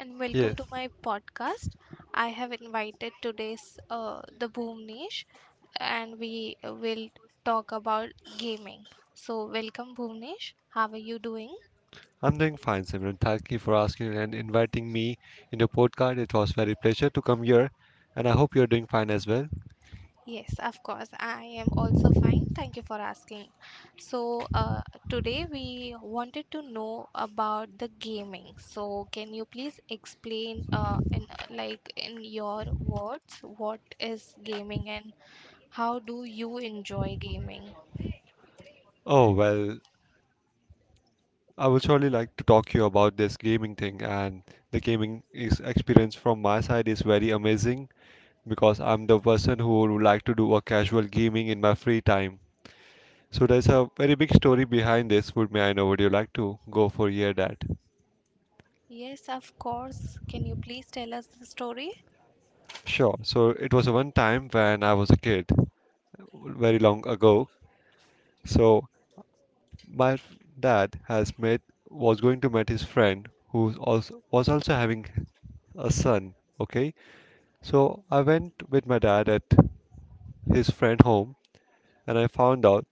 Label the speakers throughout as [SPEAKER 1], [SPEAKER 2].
[SPEAKER 1] and welcome to
[SPEAKER 2] Yes,
[SPEAKER 1] my podcast. I have invited today's the Bhuvnesh, and we will talk about gaming. So, welcome Bhuvnesh. How are you doing?
[SPEAKER 2] I'm doing fine, Simran. Thank you for asking and inviting me in your podcast. It was very pleasure to come here, and I hope you're doing fine as well.
[SPEAKER 1] Yes, of course. I am also fine. Thank you for asking. So, today we wanted to know about the gaming. So, can you please explain, in like in your words, what is gaming and how do you enjoy gaming?
[SPEAKER 2] Oh well, I would surely like to talk to you about this gaming thing, and the gaming is experience from my side is very amazing because I'm the person who would like to do a casual gaming in my free time. So there's a very big story behind this. Would may I know? Would you like to go for hear that?
[SPEAKER 1] Yes, of course. Can you please tell us the story?
[SPEAKER 2] Sure. So it was one time when I was a kid, very long ago. So my dad has met was going to meet his friend who also, was also having a son, okay. So I went with my dad at his friend home, and I found out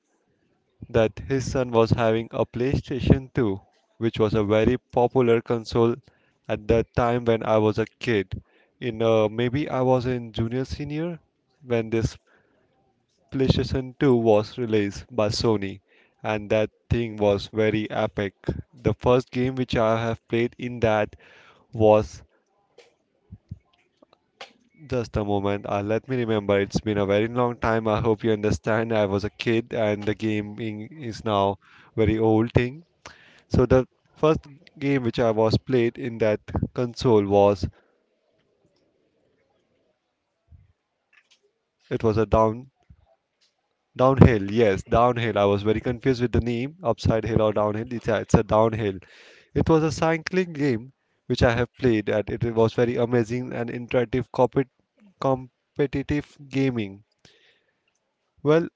[SPEAKER 2] that his son was having a PlayStation 2, which was a very popular console at that time when I was a kid. In maybe I was in junior senior when this PlayStation 2 was released by Sony, and that thing was very epic. The first game which I have played in that was just a moment. Let me remember, it's been a very long time. I hope you understand. I was a kid, and the gaming is now very old thing. So the first game which I was played in that console was it was a Downhill, yes, downhill. I was very confused with the name, upside hill or downhill. It's a downhill. It was a cycling game which I have played, and it was very amazing and interactive competitive gaming. Well,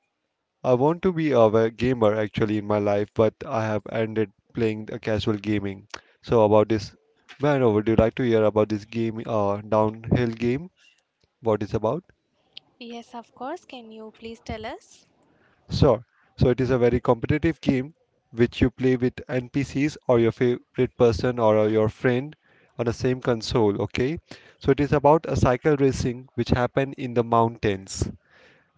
[SPEAKER 2] I want to be a gamer actually in my life, but I have ended playing a casual gaming. So about this, man, would you like to hear about this game, downhill game? What it's about?
[SPEAKER 1] Yes, of course. Can you please tell us?
[SPEAKER 2] Sure. So it is a very competitive game which you play with NPCs or your favorite person or your friend on the same console, okay? So it is about a cycle racing which happen in the mountains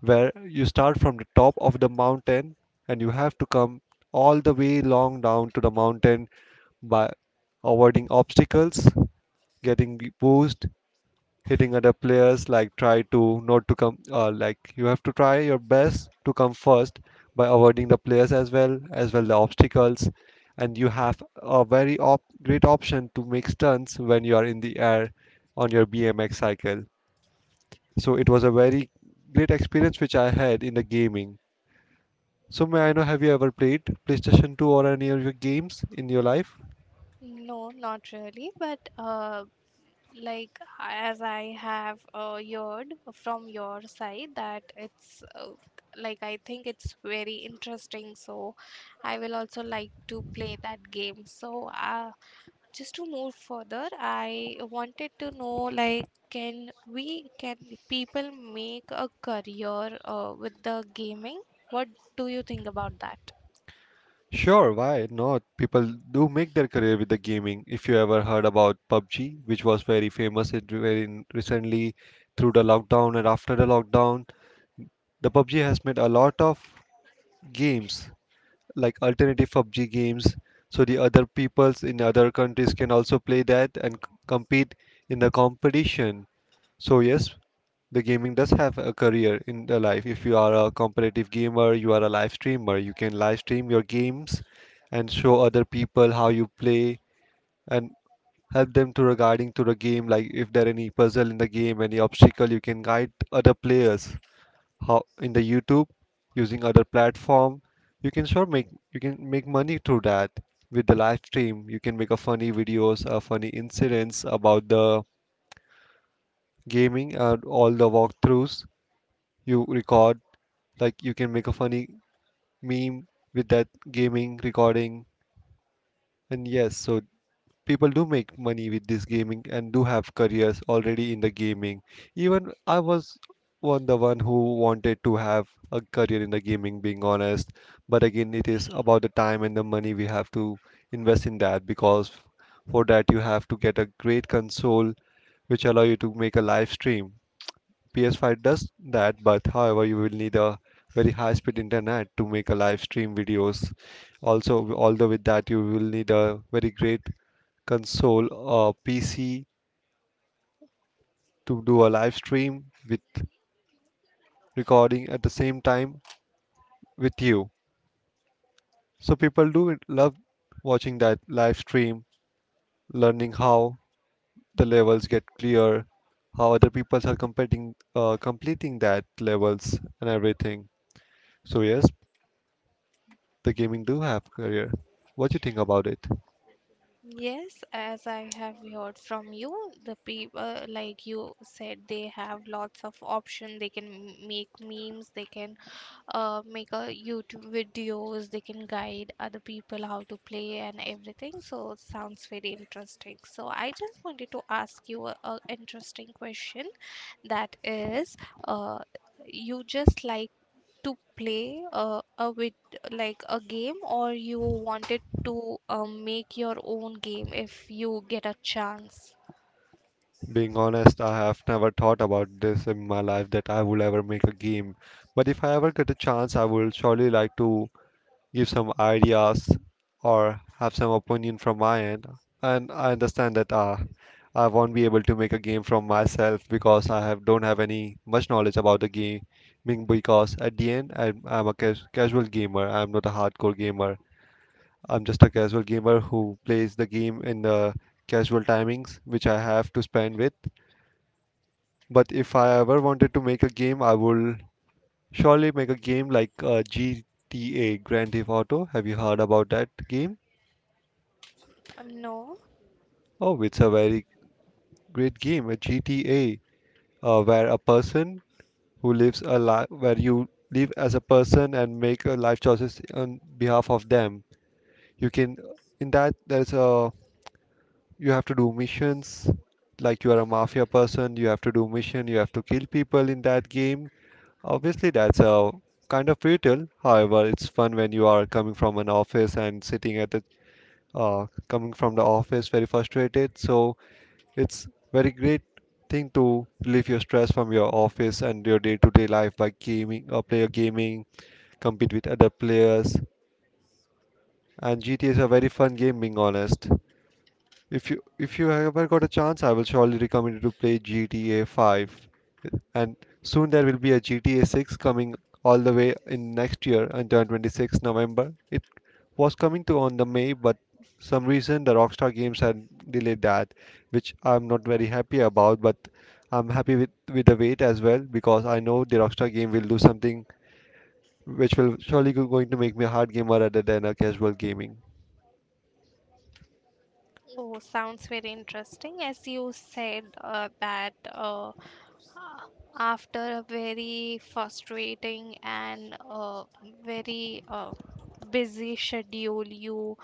[SPEAKER 2] where you start from the top of the mountain and you have to come all the way long down to the mountain by avoiding obstacles, getting the boost, hitting other players, like try to not to come like you have to try your best to come first by avoiding the players as well the obstacles, and you have a very great option to make stunts when you are in the air on your BMX cycle. So it was a very great experience which I had in the gaming. So may I know, have you ever played PlayStation 2 or any of your games in your life?
[SPEAKER 1] No, not really, but like as I have heard from your side that it's like I think it's very interesting, so I will also like to play that game. So, just to move further, I wanted to know like can people make a career with the gaming? What do you think about that?
[SPEAKER 2] Sure, why not? People do make their career with the gaming. If you ever heard about PUBG, which was very famous it very recently through the lockdown and after the lockdown, the PUBG has made a lot of games like alternative PUBG games, so the other peoples in other countries can also play that and compete in the competition. So yes, the gaming does have a career in the life. If you are a competitive gamer, you are a live streamer, you can live stream your games and show other people how you play and help them to regarding to the game, like if there are any puzzle in the game, any obstacle, you can guide other players how in the YouTube using other platform. You can make money through that. With the live stream, you can make a funny videos, funny incidents about the gaming and all the walkthroughs you record, like you can make a funny meme with that gaming recording. And yes, so people do make money with this gaming and do have careers already in the gaming. Even I was one the one who wanted to have a career in the gaming, being honest. But again, it is about the time and the money we have to invest in that, because for that you have to get a great console which allow you to make a live stream. PS5 does that, but however, you will need a very high speed internet to make a live stream videos. Also, although with that, you will need a very great console or PC to do a live stream with recording at the same time with you. So people do love watching that live stream, learning how the levels get clear, how other people are completing that levels and everything. So yes, the gaming do have career. What you think about it?
[SPEAKER 1] Yes, as I have heard from you, the people, like you said, they have lots of option. They can make memes, they can make a YouTube videos, they can guide other people how to play and everything. So it sounds very interesting. So I just wanted to ask you a interesting question. That is, uh, you just like to play a with like a game, or you wanted to make your own game if you get a chance?
[SPEAKER 2] Being honest, I have never thought about this in my life that I would ever make a game. But if I ever get a chance, I would surely like to give some ideas or have some opinion from my end. And I understand that I won't be able to make a game from myself because I have don't have any much knowledge about the gaming, because at the end I'm a casual gamer. I'm not a hardcore gamer. I'm just a casual gamer who plays the game in the casual timings which I have to spend with. But if I ever wanted to make a game, I will surely make a game like GTA Grand Theft Auto. Have you heard about that game?
[SPEAKER 1] No.
[SPEAKER 2] Oh, it's a very great game, a GTA, where a person who lives a life where you live as a person and make life choices on behalf of them. You can In that there's a you have to do missions, like you are a mafia person, you have to do mission, you have to kill people in that game. Obviously that's a kind of brutal, however it's fun when you are coming from an office and sitting at the coming from the office very frustrated. So it's very great thing to relieve your stress from your office and your day-to-day life by gaming or player gaming, compete with other players. And GTA is a very fun game, being honest. If you ever got a chance, I will surely recommend you to play GTA 5. And soon there will be a GTA 6 coming all the way in next year until 26 November. It was coming to on the May, but some reason the Rockstar Games had delayed that, which I'm not very happy about. But I'm happy with the wait as well, because I know the Rockstar game will do something which will surely going to make me a hard gamer rather than a casual gaming.
[SPEAKER 1] Oh, sounds very interesting. As you said that, after a very frustrating and very busy schedule, you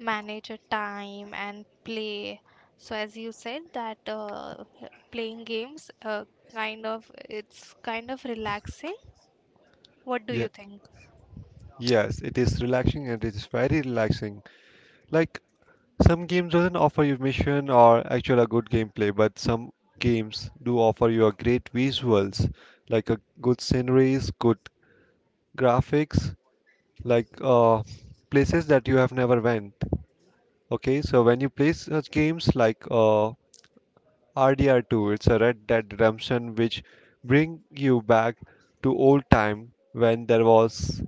[SPEAKER 1] manage your time and play. So as you said that playing games it's kind of relaxing. What do
[SPEAKER 2] Yeah,
[SPEAKER 1] you think?
[SPEAKER 2] yes, it is relaxing and it is very relaxing. Like some games doesn't offer you mission or actual a good gameplay, but some games do offer you a great visuals, like a good sceneries, good graphics, like places that you have never went. Okay, so when you play such games like RDR2, it's a Red Dead Redemption, which bring you back to old time when there was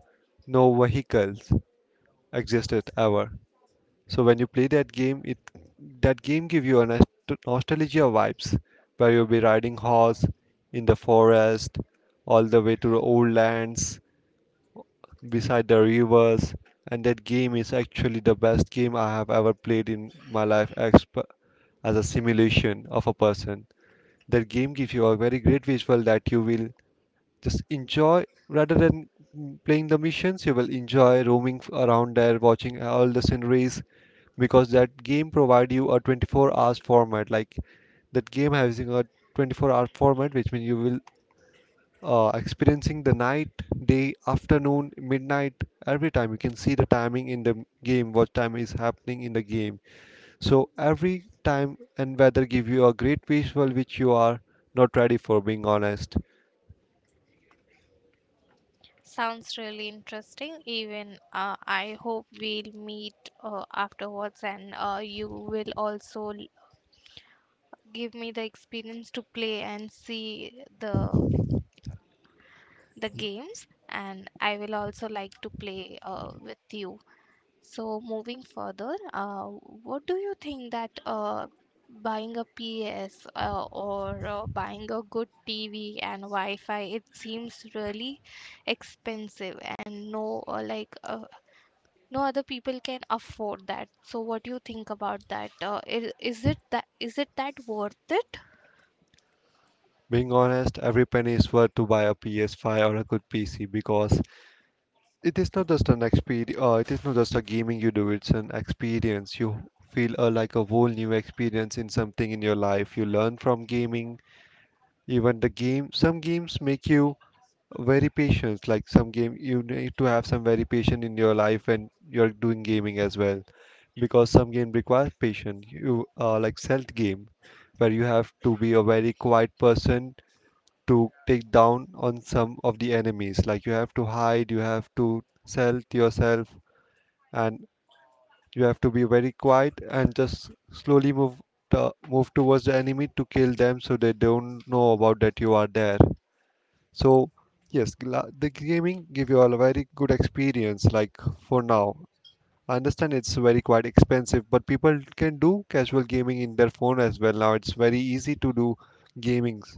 [SPEAKER 2] no vehicles existed ever. So when you play that game, it that game give you a nostalgia vibes, where you'll be riding horse in the forest, all the way to the old lands, beside the rivers. And that game is actually the best game I have ever played in my life as, as a simulation of a person. That game gives you a very great visual that you will just enjoy rather than playing the missions. You will enjoy roaming around there, watching all the scenery, because that game provide you a 24 hours format, like that game having a 24-hour format, which means you will experiencing the night, day, afternoon, midnight. Every time you can see the timing in the game, what time is happening in the game. So every time and weather give you a great visual which you are not ready for, being honest.
[SPEAKER 1] Sounds really interesting. Even I hope we'll meet afterwards, and you will also give me the experience to play and see the games, and I will also like to play with you. So moving further, what do you think that buying a PS or buying a good TV and Wi-Fi, it seems really expensive, and no, no other people can afford that. So what do you think about that? Is it that worth it?
[SPEAKER 2] Being honest, every penny is worth to buy a PS5 or a good pc, because it is not just an experience, it is not just a gaming you do, it's an experience you feel, like a whole new experience in something in your life, you learn from gaming. Even the game, some games make you very patient, like some game you need to have some very patient in your life when you're doing gaming as well, because some game requires patience you, like stealth game where you have to be a very quiet person to take down on some of the enemies. Like you have to hide, you have to stealth yourself, and you have to be very quiet and just slowly move move towards the enemy to kill them so they don't know about that you are there. So yes, the gaming give you all a very good experience like for now. I understand it's very quite expensive, but people can do casual gaming in their phone as well now. It's very easy to do gamings.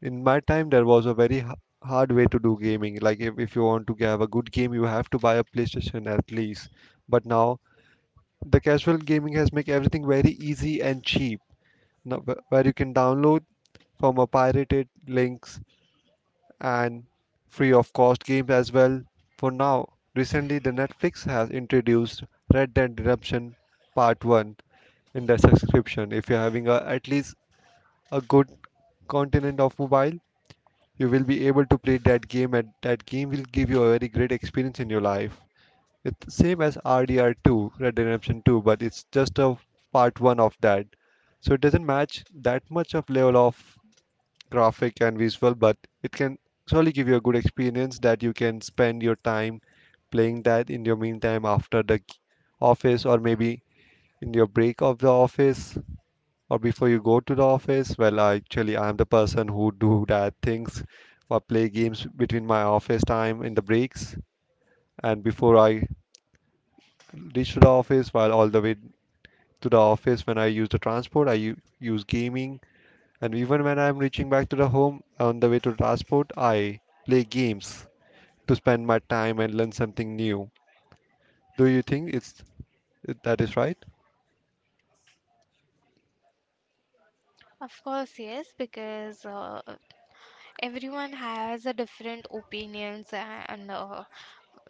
[SPEAKER 2] In my time, there was a hard way to do gaming. Like if you want to have a good game, you have to buy a PlayStation at least. But now the casual gaming has make everything very easy and cheap. Now, where you can download from a pirated links and free of cost games as well for now. Recently, the Netflix has introduced Red Dead Redemption Part 1 in their subscription. If you're having a, at least a good continent of mobile, you will be able to play that game and that game will give you a very great experience in your life. It's same as RDR2, Red Dead Redemption 2, but it's just a part 1 of that. So it doesn't match that much of level of graphic and visual, but it can surely give you a good experience that you can spend your time playing that in your meantime after the office or maybe in your break of the office or before you go to the office. Well, actually, I'm the person who do that things or play games between my office time in the breaks and before I reach to the office while all the way to the office when I use the transport, use gaming. And even when I'm reaching back to the home on the way to transport, I play games to spend my time and learn something new. Do you think it's that is right?
[SPEAKER 1] Of course, yes, because everyone has a different opinions, and uh,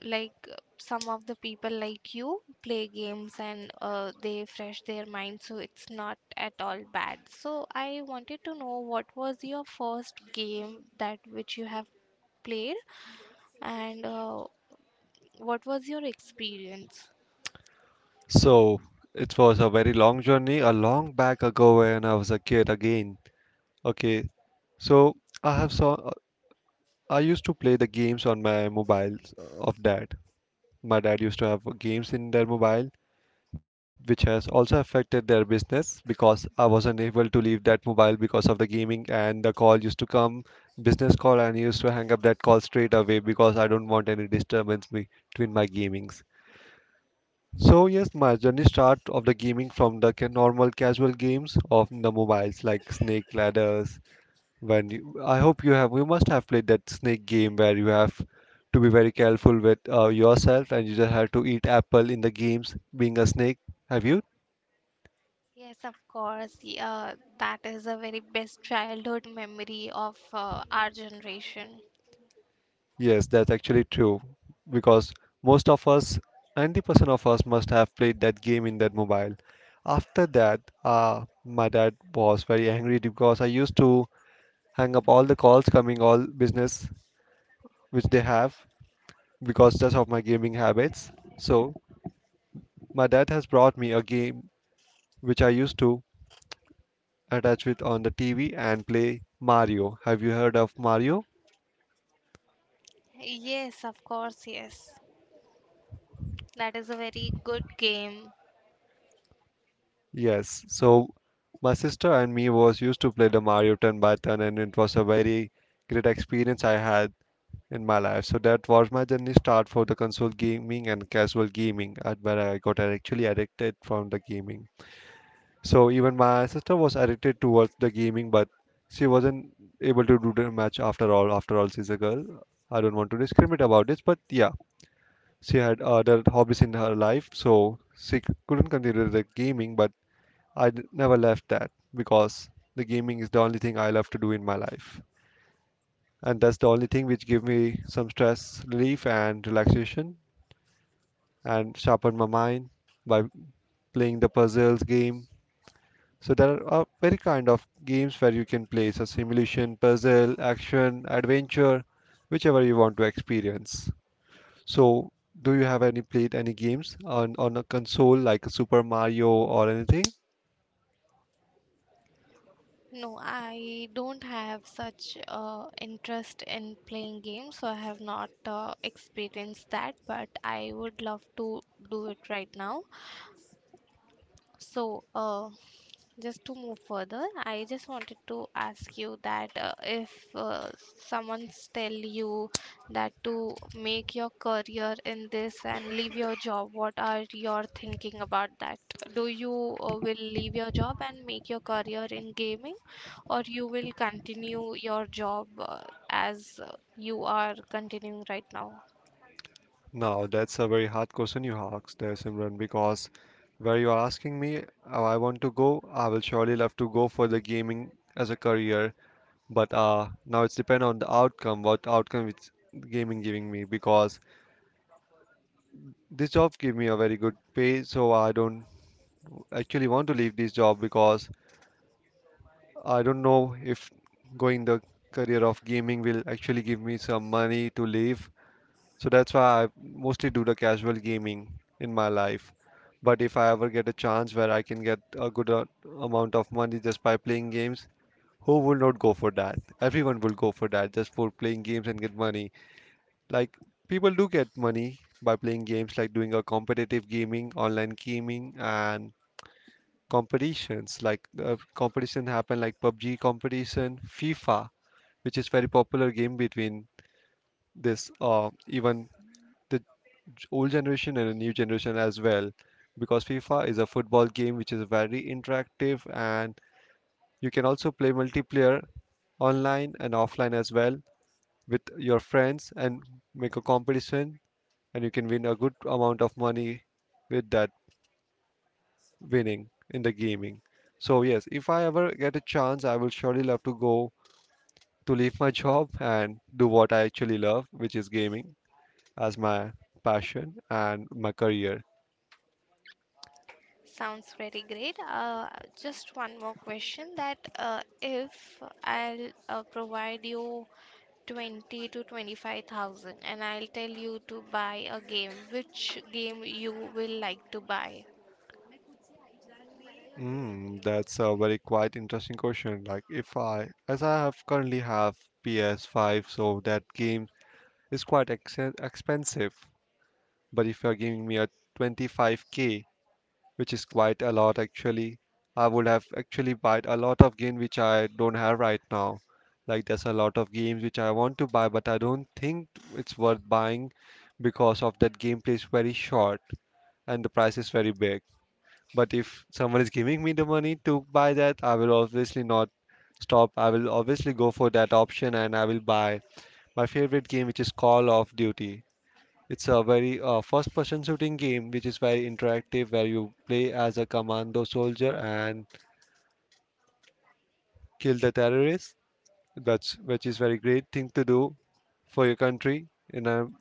[SPEAKER 1] like uh, some of the people like, you play games, and they fresh their mind, so it's not at all bad. So I wanted to know, what was your first game that which you have played, and what was your experience?
[SPEAKER 2] So it was a very long journey, a long back ago when I was a kid again. Okay, so I have saw I used to play the games on my mobiles of dad. My dad used to have games in their mobile which has also affected their business because I was unable to leave that mobile because of the gaming and the call used to come business call and I used to hang up that call straight away because I don't want any disturbance between my gamings. So yes, my journey start of the gaming from the normal casual games of the mobiles like Snake Ladders. When you, I hope you have, you must have played that Snake game where you have to be very careful with yourself and you just have to eat apple in the games being a snake. Have you?
[SPEAKER 1] Yes, of course, yeah, that is a very best childhood memory of our generation.
[SPEAKER 2] Yes, that's actually true because most of us, 90% of us, must have played that game in that mobile. After that, my dad was very angry because I used to hang up all the calls coming, all business which they have because just of my gaming habits. So, my dad has brought me a game which I used to attach with on the TV and play Mario. Have you heard of Mario?
[SPEAKER 1] Yes, of course, yes, that is a very good game.
[SPEAKER 2] Yes. So my sister and me was used to play the Mario turn by turn and it was a very great experience I had in my life. So that was my journey start for the console gaming and casual gaming at where I got actually addicted from the gaming. So even my sister was addicted towards the gaming but she wasn't able to do the match after all. After all, she's a girl. I don't want to discriminate about this, but yeah, she had other hobbies in her life, so couldn't continue the gaming, but I never left that because the gaming is the only thing I love to do in my life. And that's the only thing which give me some stress relief and relaxation and sharpen my mind by playing the puzzles game. So there are very kind of games where you can play so simulation, puzzle, action, adventure, whichever you want to experience. So do you have any played any games on a console like Super Mario or anything?
[SPEAKER 1] No, I don't have such interest in playing games, so I have not experienced that but I would love to do it right now. So, just to move further, I just wanted to ask you that if someone's tell you that to make your career in this and leave your job, what are your thinking about that? Do you will leave your job and make your career in gaming, or you will continue your job as you are continuing right now?
[SPEAKER 2] Now, that's a very hard question you asked there, Simran, because where you are asking me, how I want to go, I will surely love to go for the gaming as a career. But now it's depend on the outcome, what outcome it's gaming giving me, because this job give me a very good pay, so I don't actually want to leave this job because I don't know if going the career of gaming will actually give me some money to live. So that's why I mostly do the casual gaming in my life. But if I ever get a chance where I can get a amount of money just by playing games, who will not go for that? Everyone will go for that just for playing games and get money. Like people do get money by playing games, like doing a competitive gaming, online gaming, and competitions. Like competition happen like PUBG competition, FIFA, which is very popular game between this even the old generation and a new generation as well because FIFA is a football game which is very interactive and you can also play multiplayer online and offline as well with your friends and make a competition and you can win a good amount of money with that winning in the gaming. So yes, if I ever get a chance, I will surely love to go to leave my job and do what I actually love, which is gaming as my passion and my career.
[SPEAKER 1] Sounds very great. Just one more question that if I'll provide you 20 to 25,000, and I'll tell you to buy a game, which game you will like to buy?
[SPEAKER 2] Mm, that's a very quite interesting question. Like if I, as I have currently have PS5, so that game is quite ex expensive. But if you're giving me a 25k, which is quite a lot actually, I would have actually bought a lot of game which I don't have right now. Like there's a lot of games which I want to buy, but I don't think it's worth buying because of that gameplay is very short and the price is very big. But if someone is giving me the money to buy that, I will obviously not stop. I will obviously go for that option and I will buy my favorite game, which is Call of Duty. It's a very first person shooting game which is very interactive where you play as a commando soldier and kill the terrorists. That's which is very great thing to do for your country and um,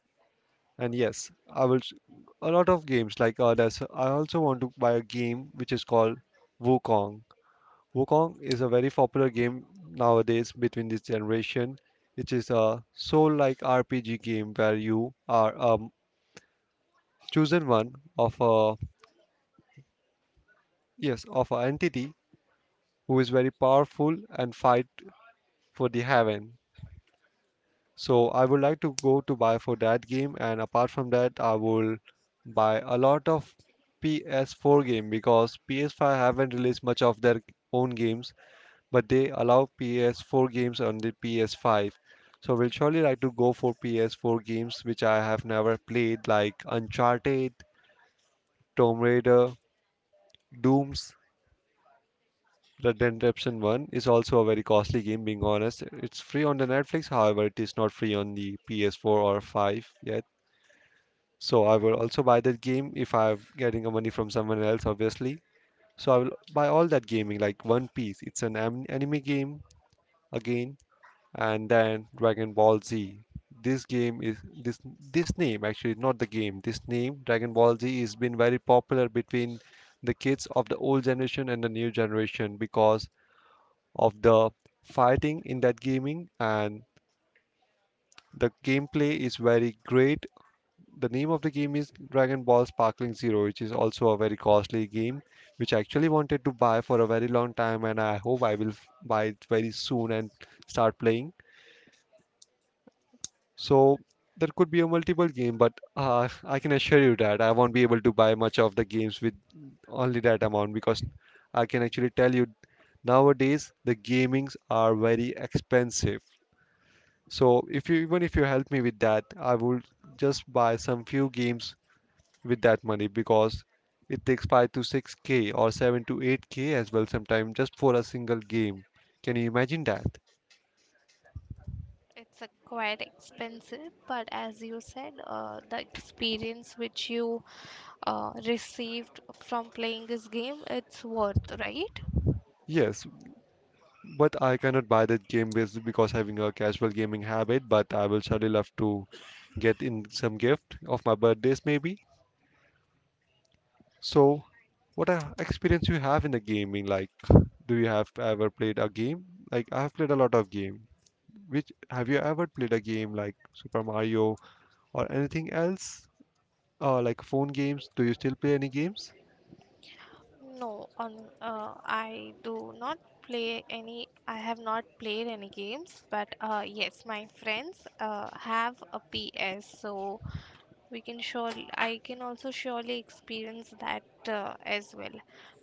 [SPEAKER 2] and yes a lot of games like others I also want to buy a game which is called wukong. Wukong is a very popular game nowadays between this generation. It is a soul-like RPG game where you are a chosen one of a yes of an entity who is very powerful and fight for the heaven. So I would like to go to buy for that game, and apart from that, I will buy a lot of PS4 game because PS5 haven't released much of their own games, but they allow PS4 games on the PS5. So we'll surely like to go for PS4 games which I have never played, like Uncharted, Tomb Raider, Dooms. Red Dead Redemption 1 is also a very costly game, being honest. It's free on the Netflix, however, it is not free on the PS4 or 5 yet. So I will also buy that game if I'm getting a money from someone else, obviously. So I will buy all that gaming, like One Piece. It's an anime game again, and then Dragon Ball Z. This game is this this name actually not the game. This name Dragon Ball Z has been very popular between the kids of the old generation and the new generation because of the fighting in that gaming and the gameplay is very great. The name of the game is Dragon Ball Sparkling Zero, which is also a very costly game, which I actually wanted to buy for a very long time, and I hope I will buy it very soon and start playing. So there could be a multiple game, but I can assure you that I won't be able to buy much of the games with only that amount because I can actually tell you nowadays the gamings are very expensive. So if you even if you help me with that, I will just buy some few games with that money because it takes 5 to 6k or 7 to 8k as well sometimes just for a single game. Can you imagine that?
[SPEAKER 1] It's a quite expensive, but as you said, the experience which you received from playing this game, it's worth, right?
[SPEAKER 2] Yes. But I cannot buy that game because having a casual gaming habit, but I will surely love to get in some gift of my birthdays maybe. So, what experience you have in the gaming? Like, do you have ever played a game? Like, I have played a lot of game. Which have you ever played a game like Super Mario or anything else? Or like phone games? Do you still play any games?
[SPEAKER 1] No, on I do not play any. I have not played any games, but yes, my friends have a PS, so we can surely. I can also surely experience that as well.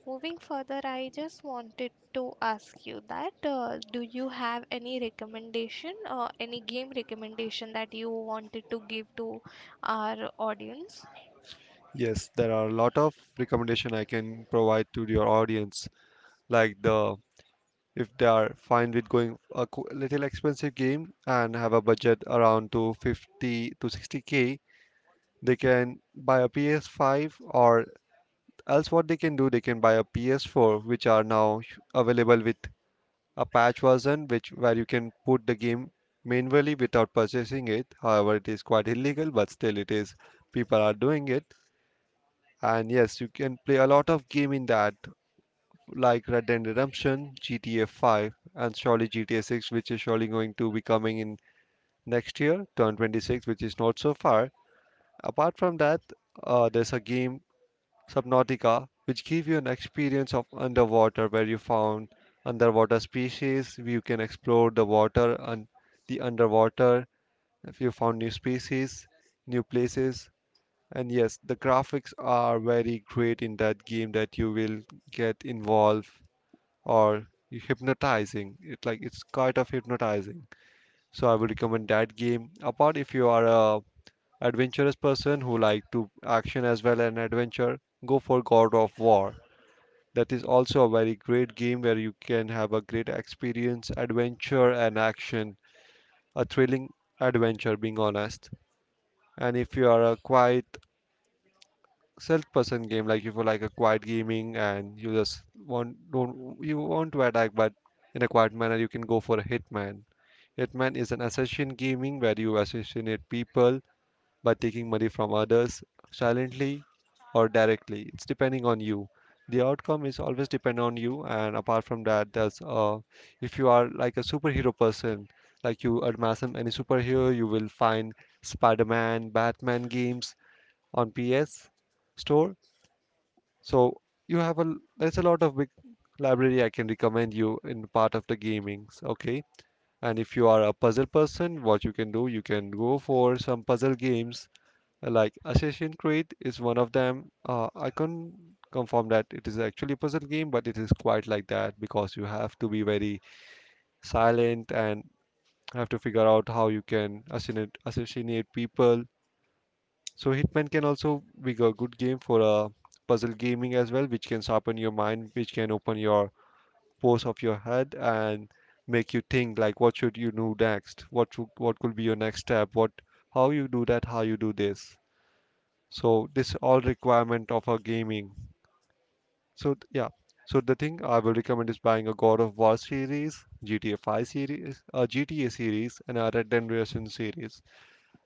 [SPEAKER 1] Moving further, I just wanted to ask you that do you have any recommendation, any game recommendation that you wanted to give to our audience?
[SPEAKER 2] Yes, there are a lot of recommendation I can provide to your audience, like the if they are fine with going a little expensive game and have a budget around to 50 to 60K. They can buy a PS5, or else what they can do, they can buy a PS4, which are now available with a patch version, which where you can put the game manually without purchasing it. However, it is quite illegal, but still it is, people are doing it. And yes, you can play a lot of game in that, like Red Dead Redemption, GTA 5, and surely GTA 6, which is surely going to be coming in next year, 2026, which is not so far. Apart from that, there's a game, Subnautica, which gives you an experience of underwater where you found underwater species. You can explore the water and the underwater, if you found new species, new places. And yes, the graphics are very great in that game, that you will get involved or hypnotizing. It it's kind of hypnotizing. So I would recommend that game. Apart, if you are a adventurous person who like to action as well and adventure, go for God of War. That is also a very great game where you can have a great experience, adventure and action, a thrilling adventure, being honest. And if you are a quiet self person game, like if you like a quiet gaming and you just want don't you want to attack but in a quiet manner, you can go for a hitman. Hitman is an assassin gaming where you assassinate people by taking money from others, silently or directly. It's depending on you. The outcome is always depend on you. And apart from that, there's if you are like a superhero person, like you admire some any superhero, you will find Spider-Man, Batman games on PS store. So you have a there's a lot of big library I can recommend you in part of the gaming. Okay. And if you are a puzzle person, what you can do, you can go for some puzzle games, like Assassin's Creed is one of them. I can't confirm that it is actually a puzzle game, but it is quite like that, because you have to be very silent and have to figure out how you can assassinate people. So Hitman can also be a good game for a puzzle gaming as well, which can sharpen your mind, which can open your pose of your head and make you think like what should you do next, what could be your next step, what, how you do that, how you do this. So this all requirement of our gaming. So yeah, so the thing I will recommend is buying a God of War series, GTA 5 series, a GTA series, and a Red Dead Redemption series.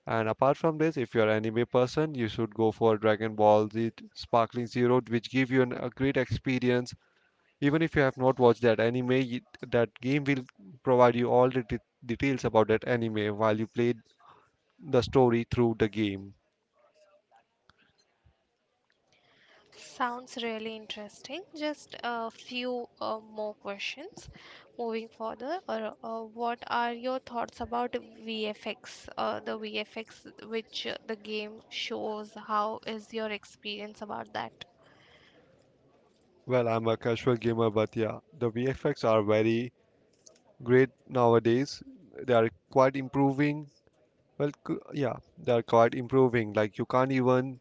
[SPEAKER 2] And apart from this, if you're an anime person, you should go for Dragon Ball Z Sparkling Zero, which give a great experience. Even if you have not watched that anime, that game will provide you all the details about that anime while you play the story through the game.
[SPEAKER 1] Sounds really interesting. Just a few more questions moving further. Or what are your thoughts about VFX? The VFX which the game shows. How is your experience about that?
[SPEAKER 2] Well, I'm a casual gamer, but yeah, the VFX are very great nowadays. They are quite improving. Well, yeah, they are quite improving. Like you can't even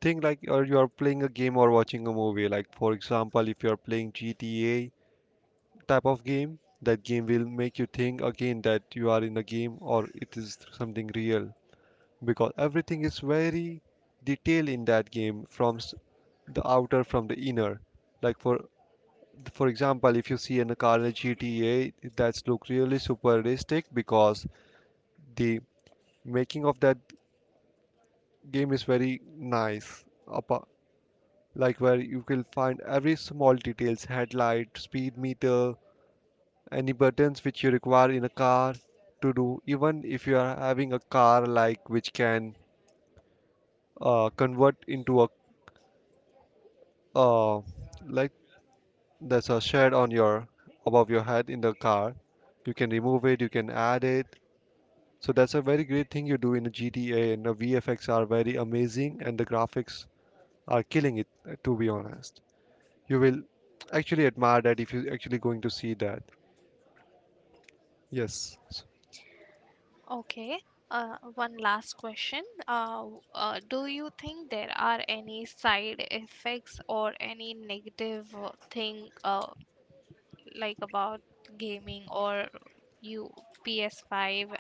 [SPEAKER 2] think like or you are playing a game or watching a movie. Like for example, if you are playing GTA type of game, that game will make you think again that you are in a game or it is something real, because everything is very detailed in that game, from the outer, from the inner. Like for example, if you see in a car in a GTA, that's look really super realistic, because the making of that game is very nice. apa- like where you will find every small details, headlight, speed meter, any buttons which you require in a car to do. Even if you are having a car like which can convert into a, uh, like that's a shed on your above your head in the car. You can remove it, you can add it. So that's a very great thing you do in a GTA, and the VFX are very amazing, and the graphics are killing it. To be honest, you will actually admire that if you're actually going to see that. Yes.
[SPEAKER 1] Okay. One last question. Do you think there are any side effects or any negative thing, like about gaming or you PS5,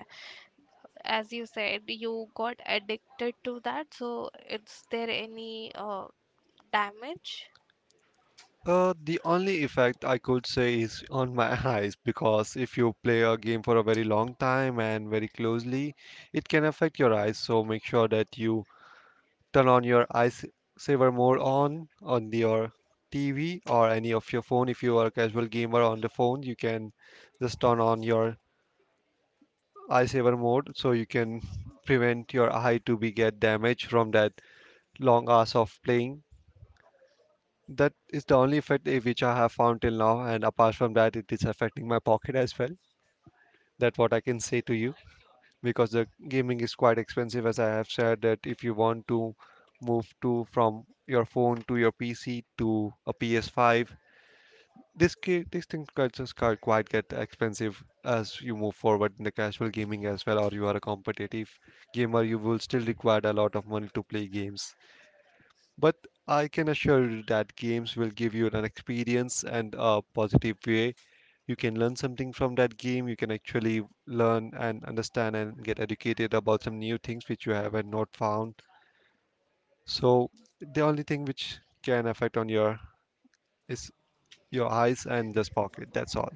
[SPEAKER 1] as you said, you got addicted to that. So, is there any damage?
[SPEAKER 2] The only effect I could say is on my eyes, because if you play a game for a very long time and very closely, it can affect your eyes. So make sure that you turn on your eyes saver mode on your TV or any of your phone. If you are a casual gamer on the phone, you can just turn on your eye saver mode, so you can prevent your eye to be get damaged from that long hours of playing. That is the only effect which I have found till now, and apart from that, it is affecting my pocket as well. That's what I can say to you. Because the gaming is quite expensive, as I have said, that if you want to move to from your phone to your PC to a PS5, these things quite just quite get expensive as you move forward in the casual gaming as well. Or you are a competitive gamer, you will still require a lot of money to play games. But I can assure you that games will give you an experience and a positive way. You can learn something from that game. You can actually learn and understand and get educated about some new things which you haven't not found. So the only thing which can affect on your is your eyes and this pocket. That's all.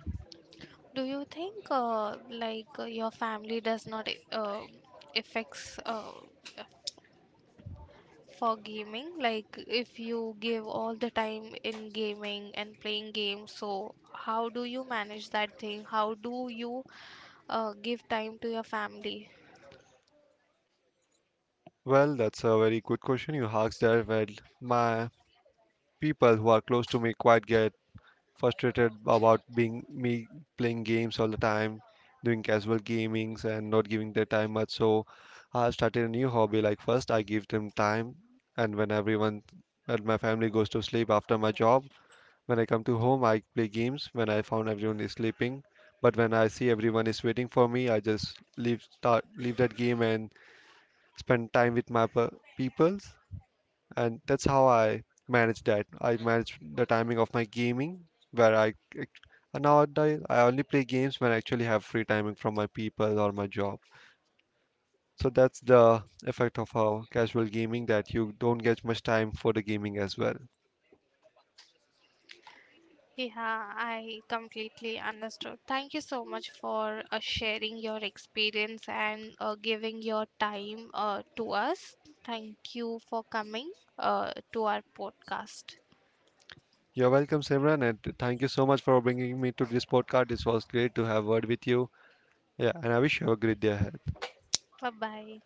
[SPEAKER 1] Do you think your family does not affects for gaming? Like if you give all the time in gaming and playing games, so how do you manage that thing? How do you give time to your family?
[SPEAKER 2] Well, that's a very good question you asked there. Well, my people who are close to me quite get frustrated about being me playing games all the time, doing casual gamings and not giving their time much. So I started a new hobby. Like first I give them time, and when everyone and my family goes to sleep after my job, when I come to home I play games, when I found everyone is sleeping. But when I see everyone is waiting for me, I just leave that game and spend time with my people. And that's how I manage that. I manage the timing of my gaming where act- and nowadays I only play games when I actually have free timing from my people or my job. So that's the effect of how casual gaming, that you don't get much time for the gaming as well.
[SPEAKER 1] Yeah, I completely understood. Thank you so much for sharing your experience and giving your time to us. Thank you for coming to our podcast.
[SPEAKER 2] You're welcome, Simran, and thank you so much for bringing me to this podcast. It was great to have word with you. Yeah, and I wish you have a great day ahead.
[SPEAKER 1] Bye bye.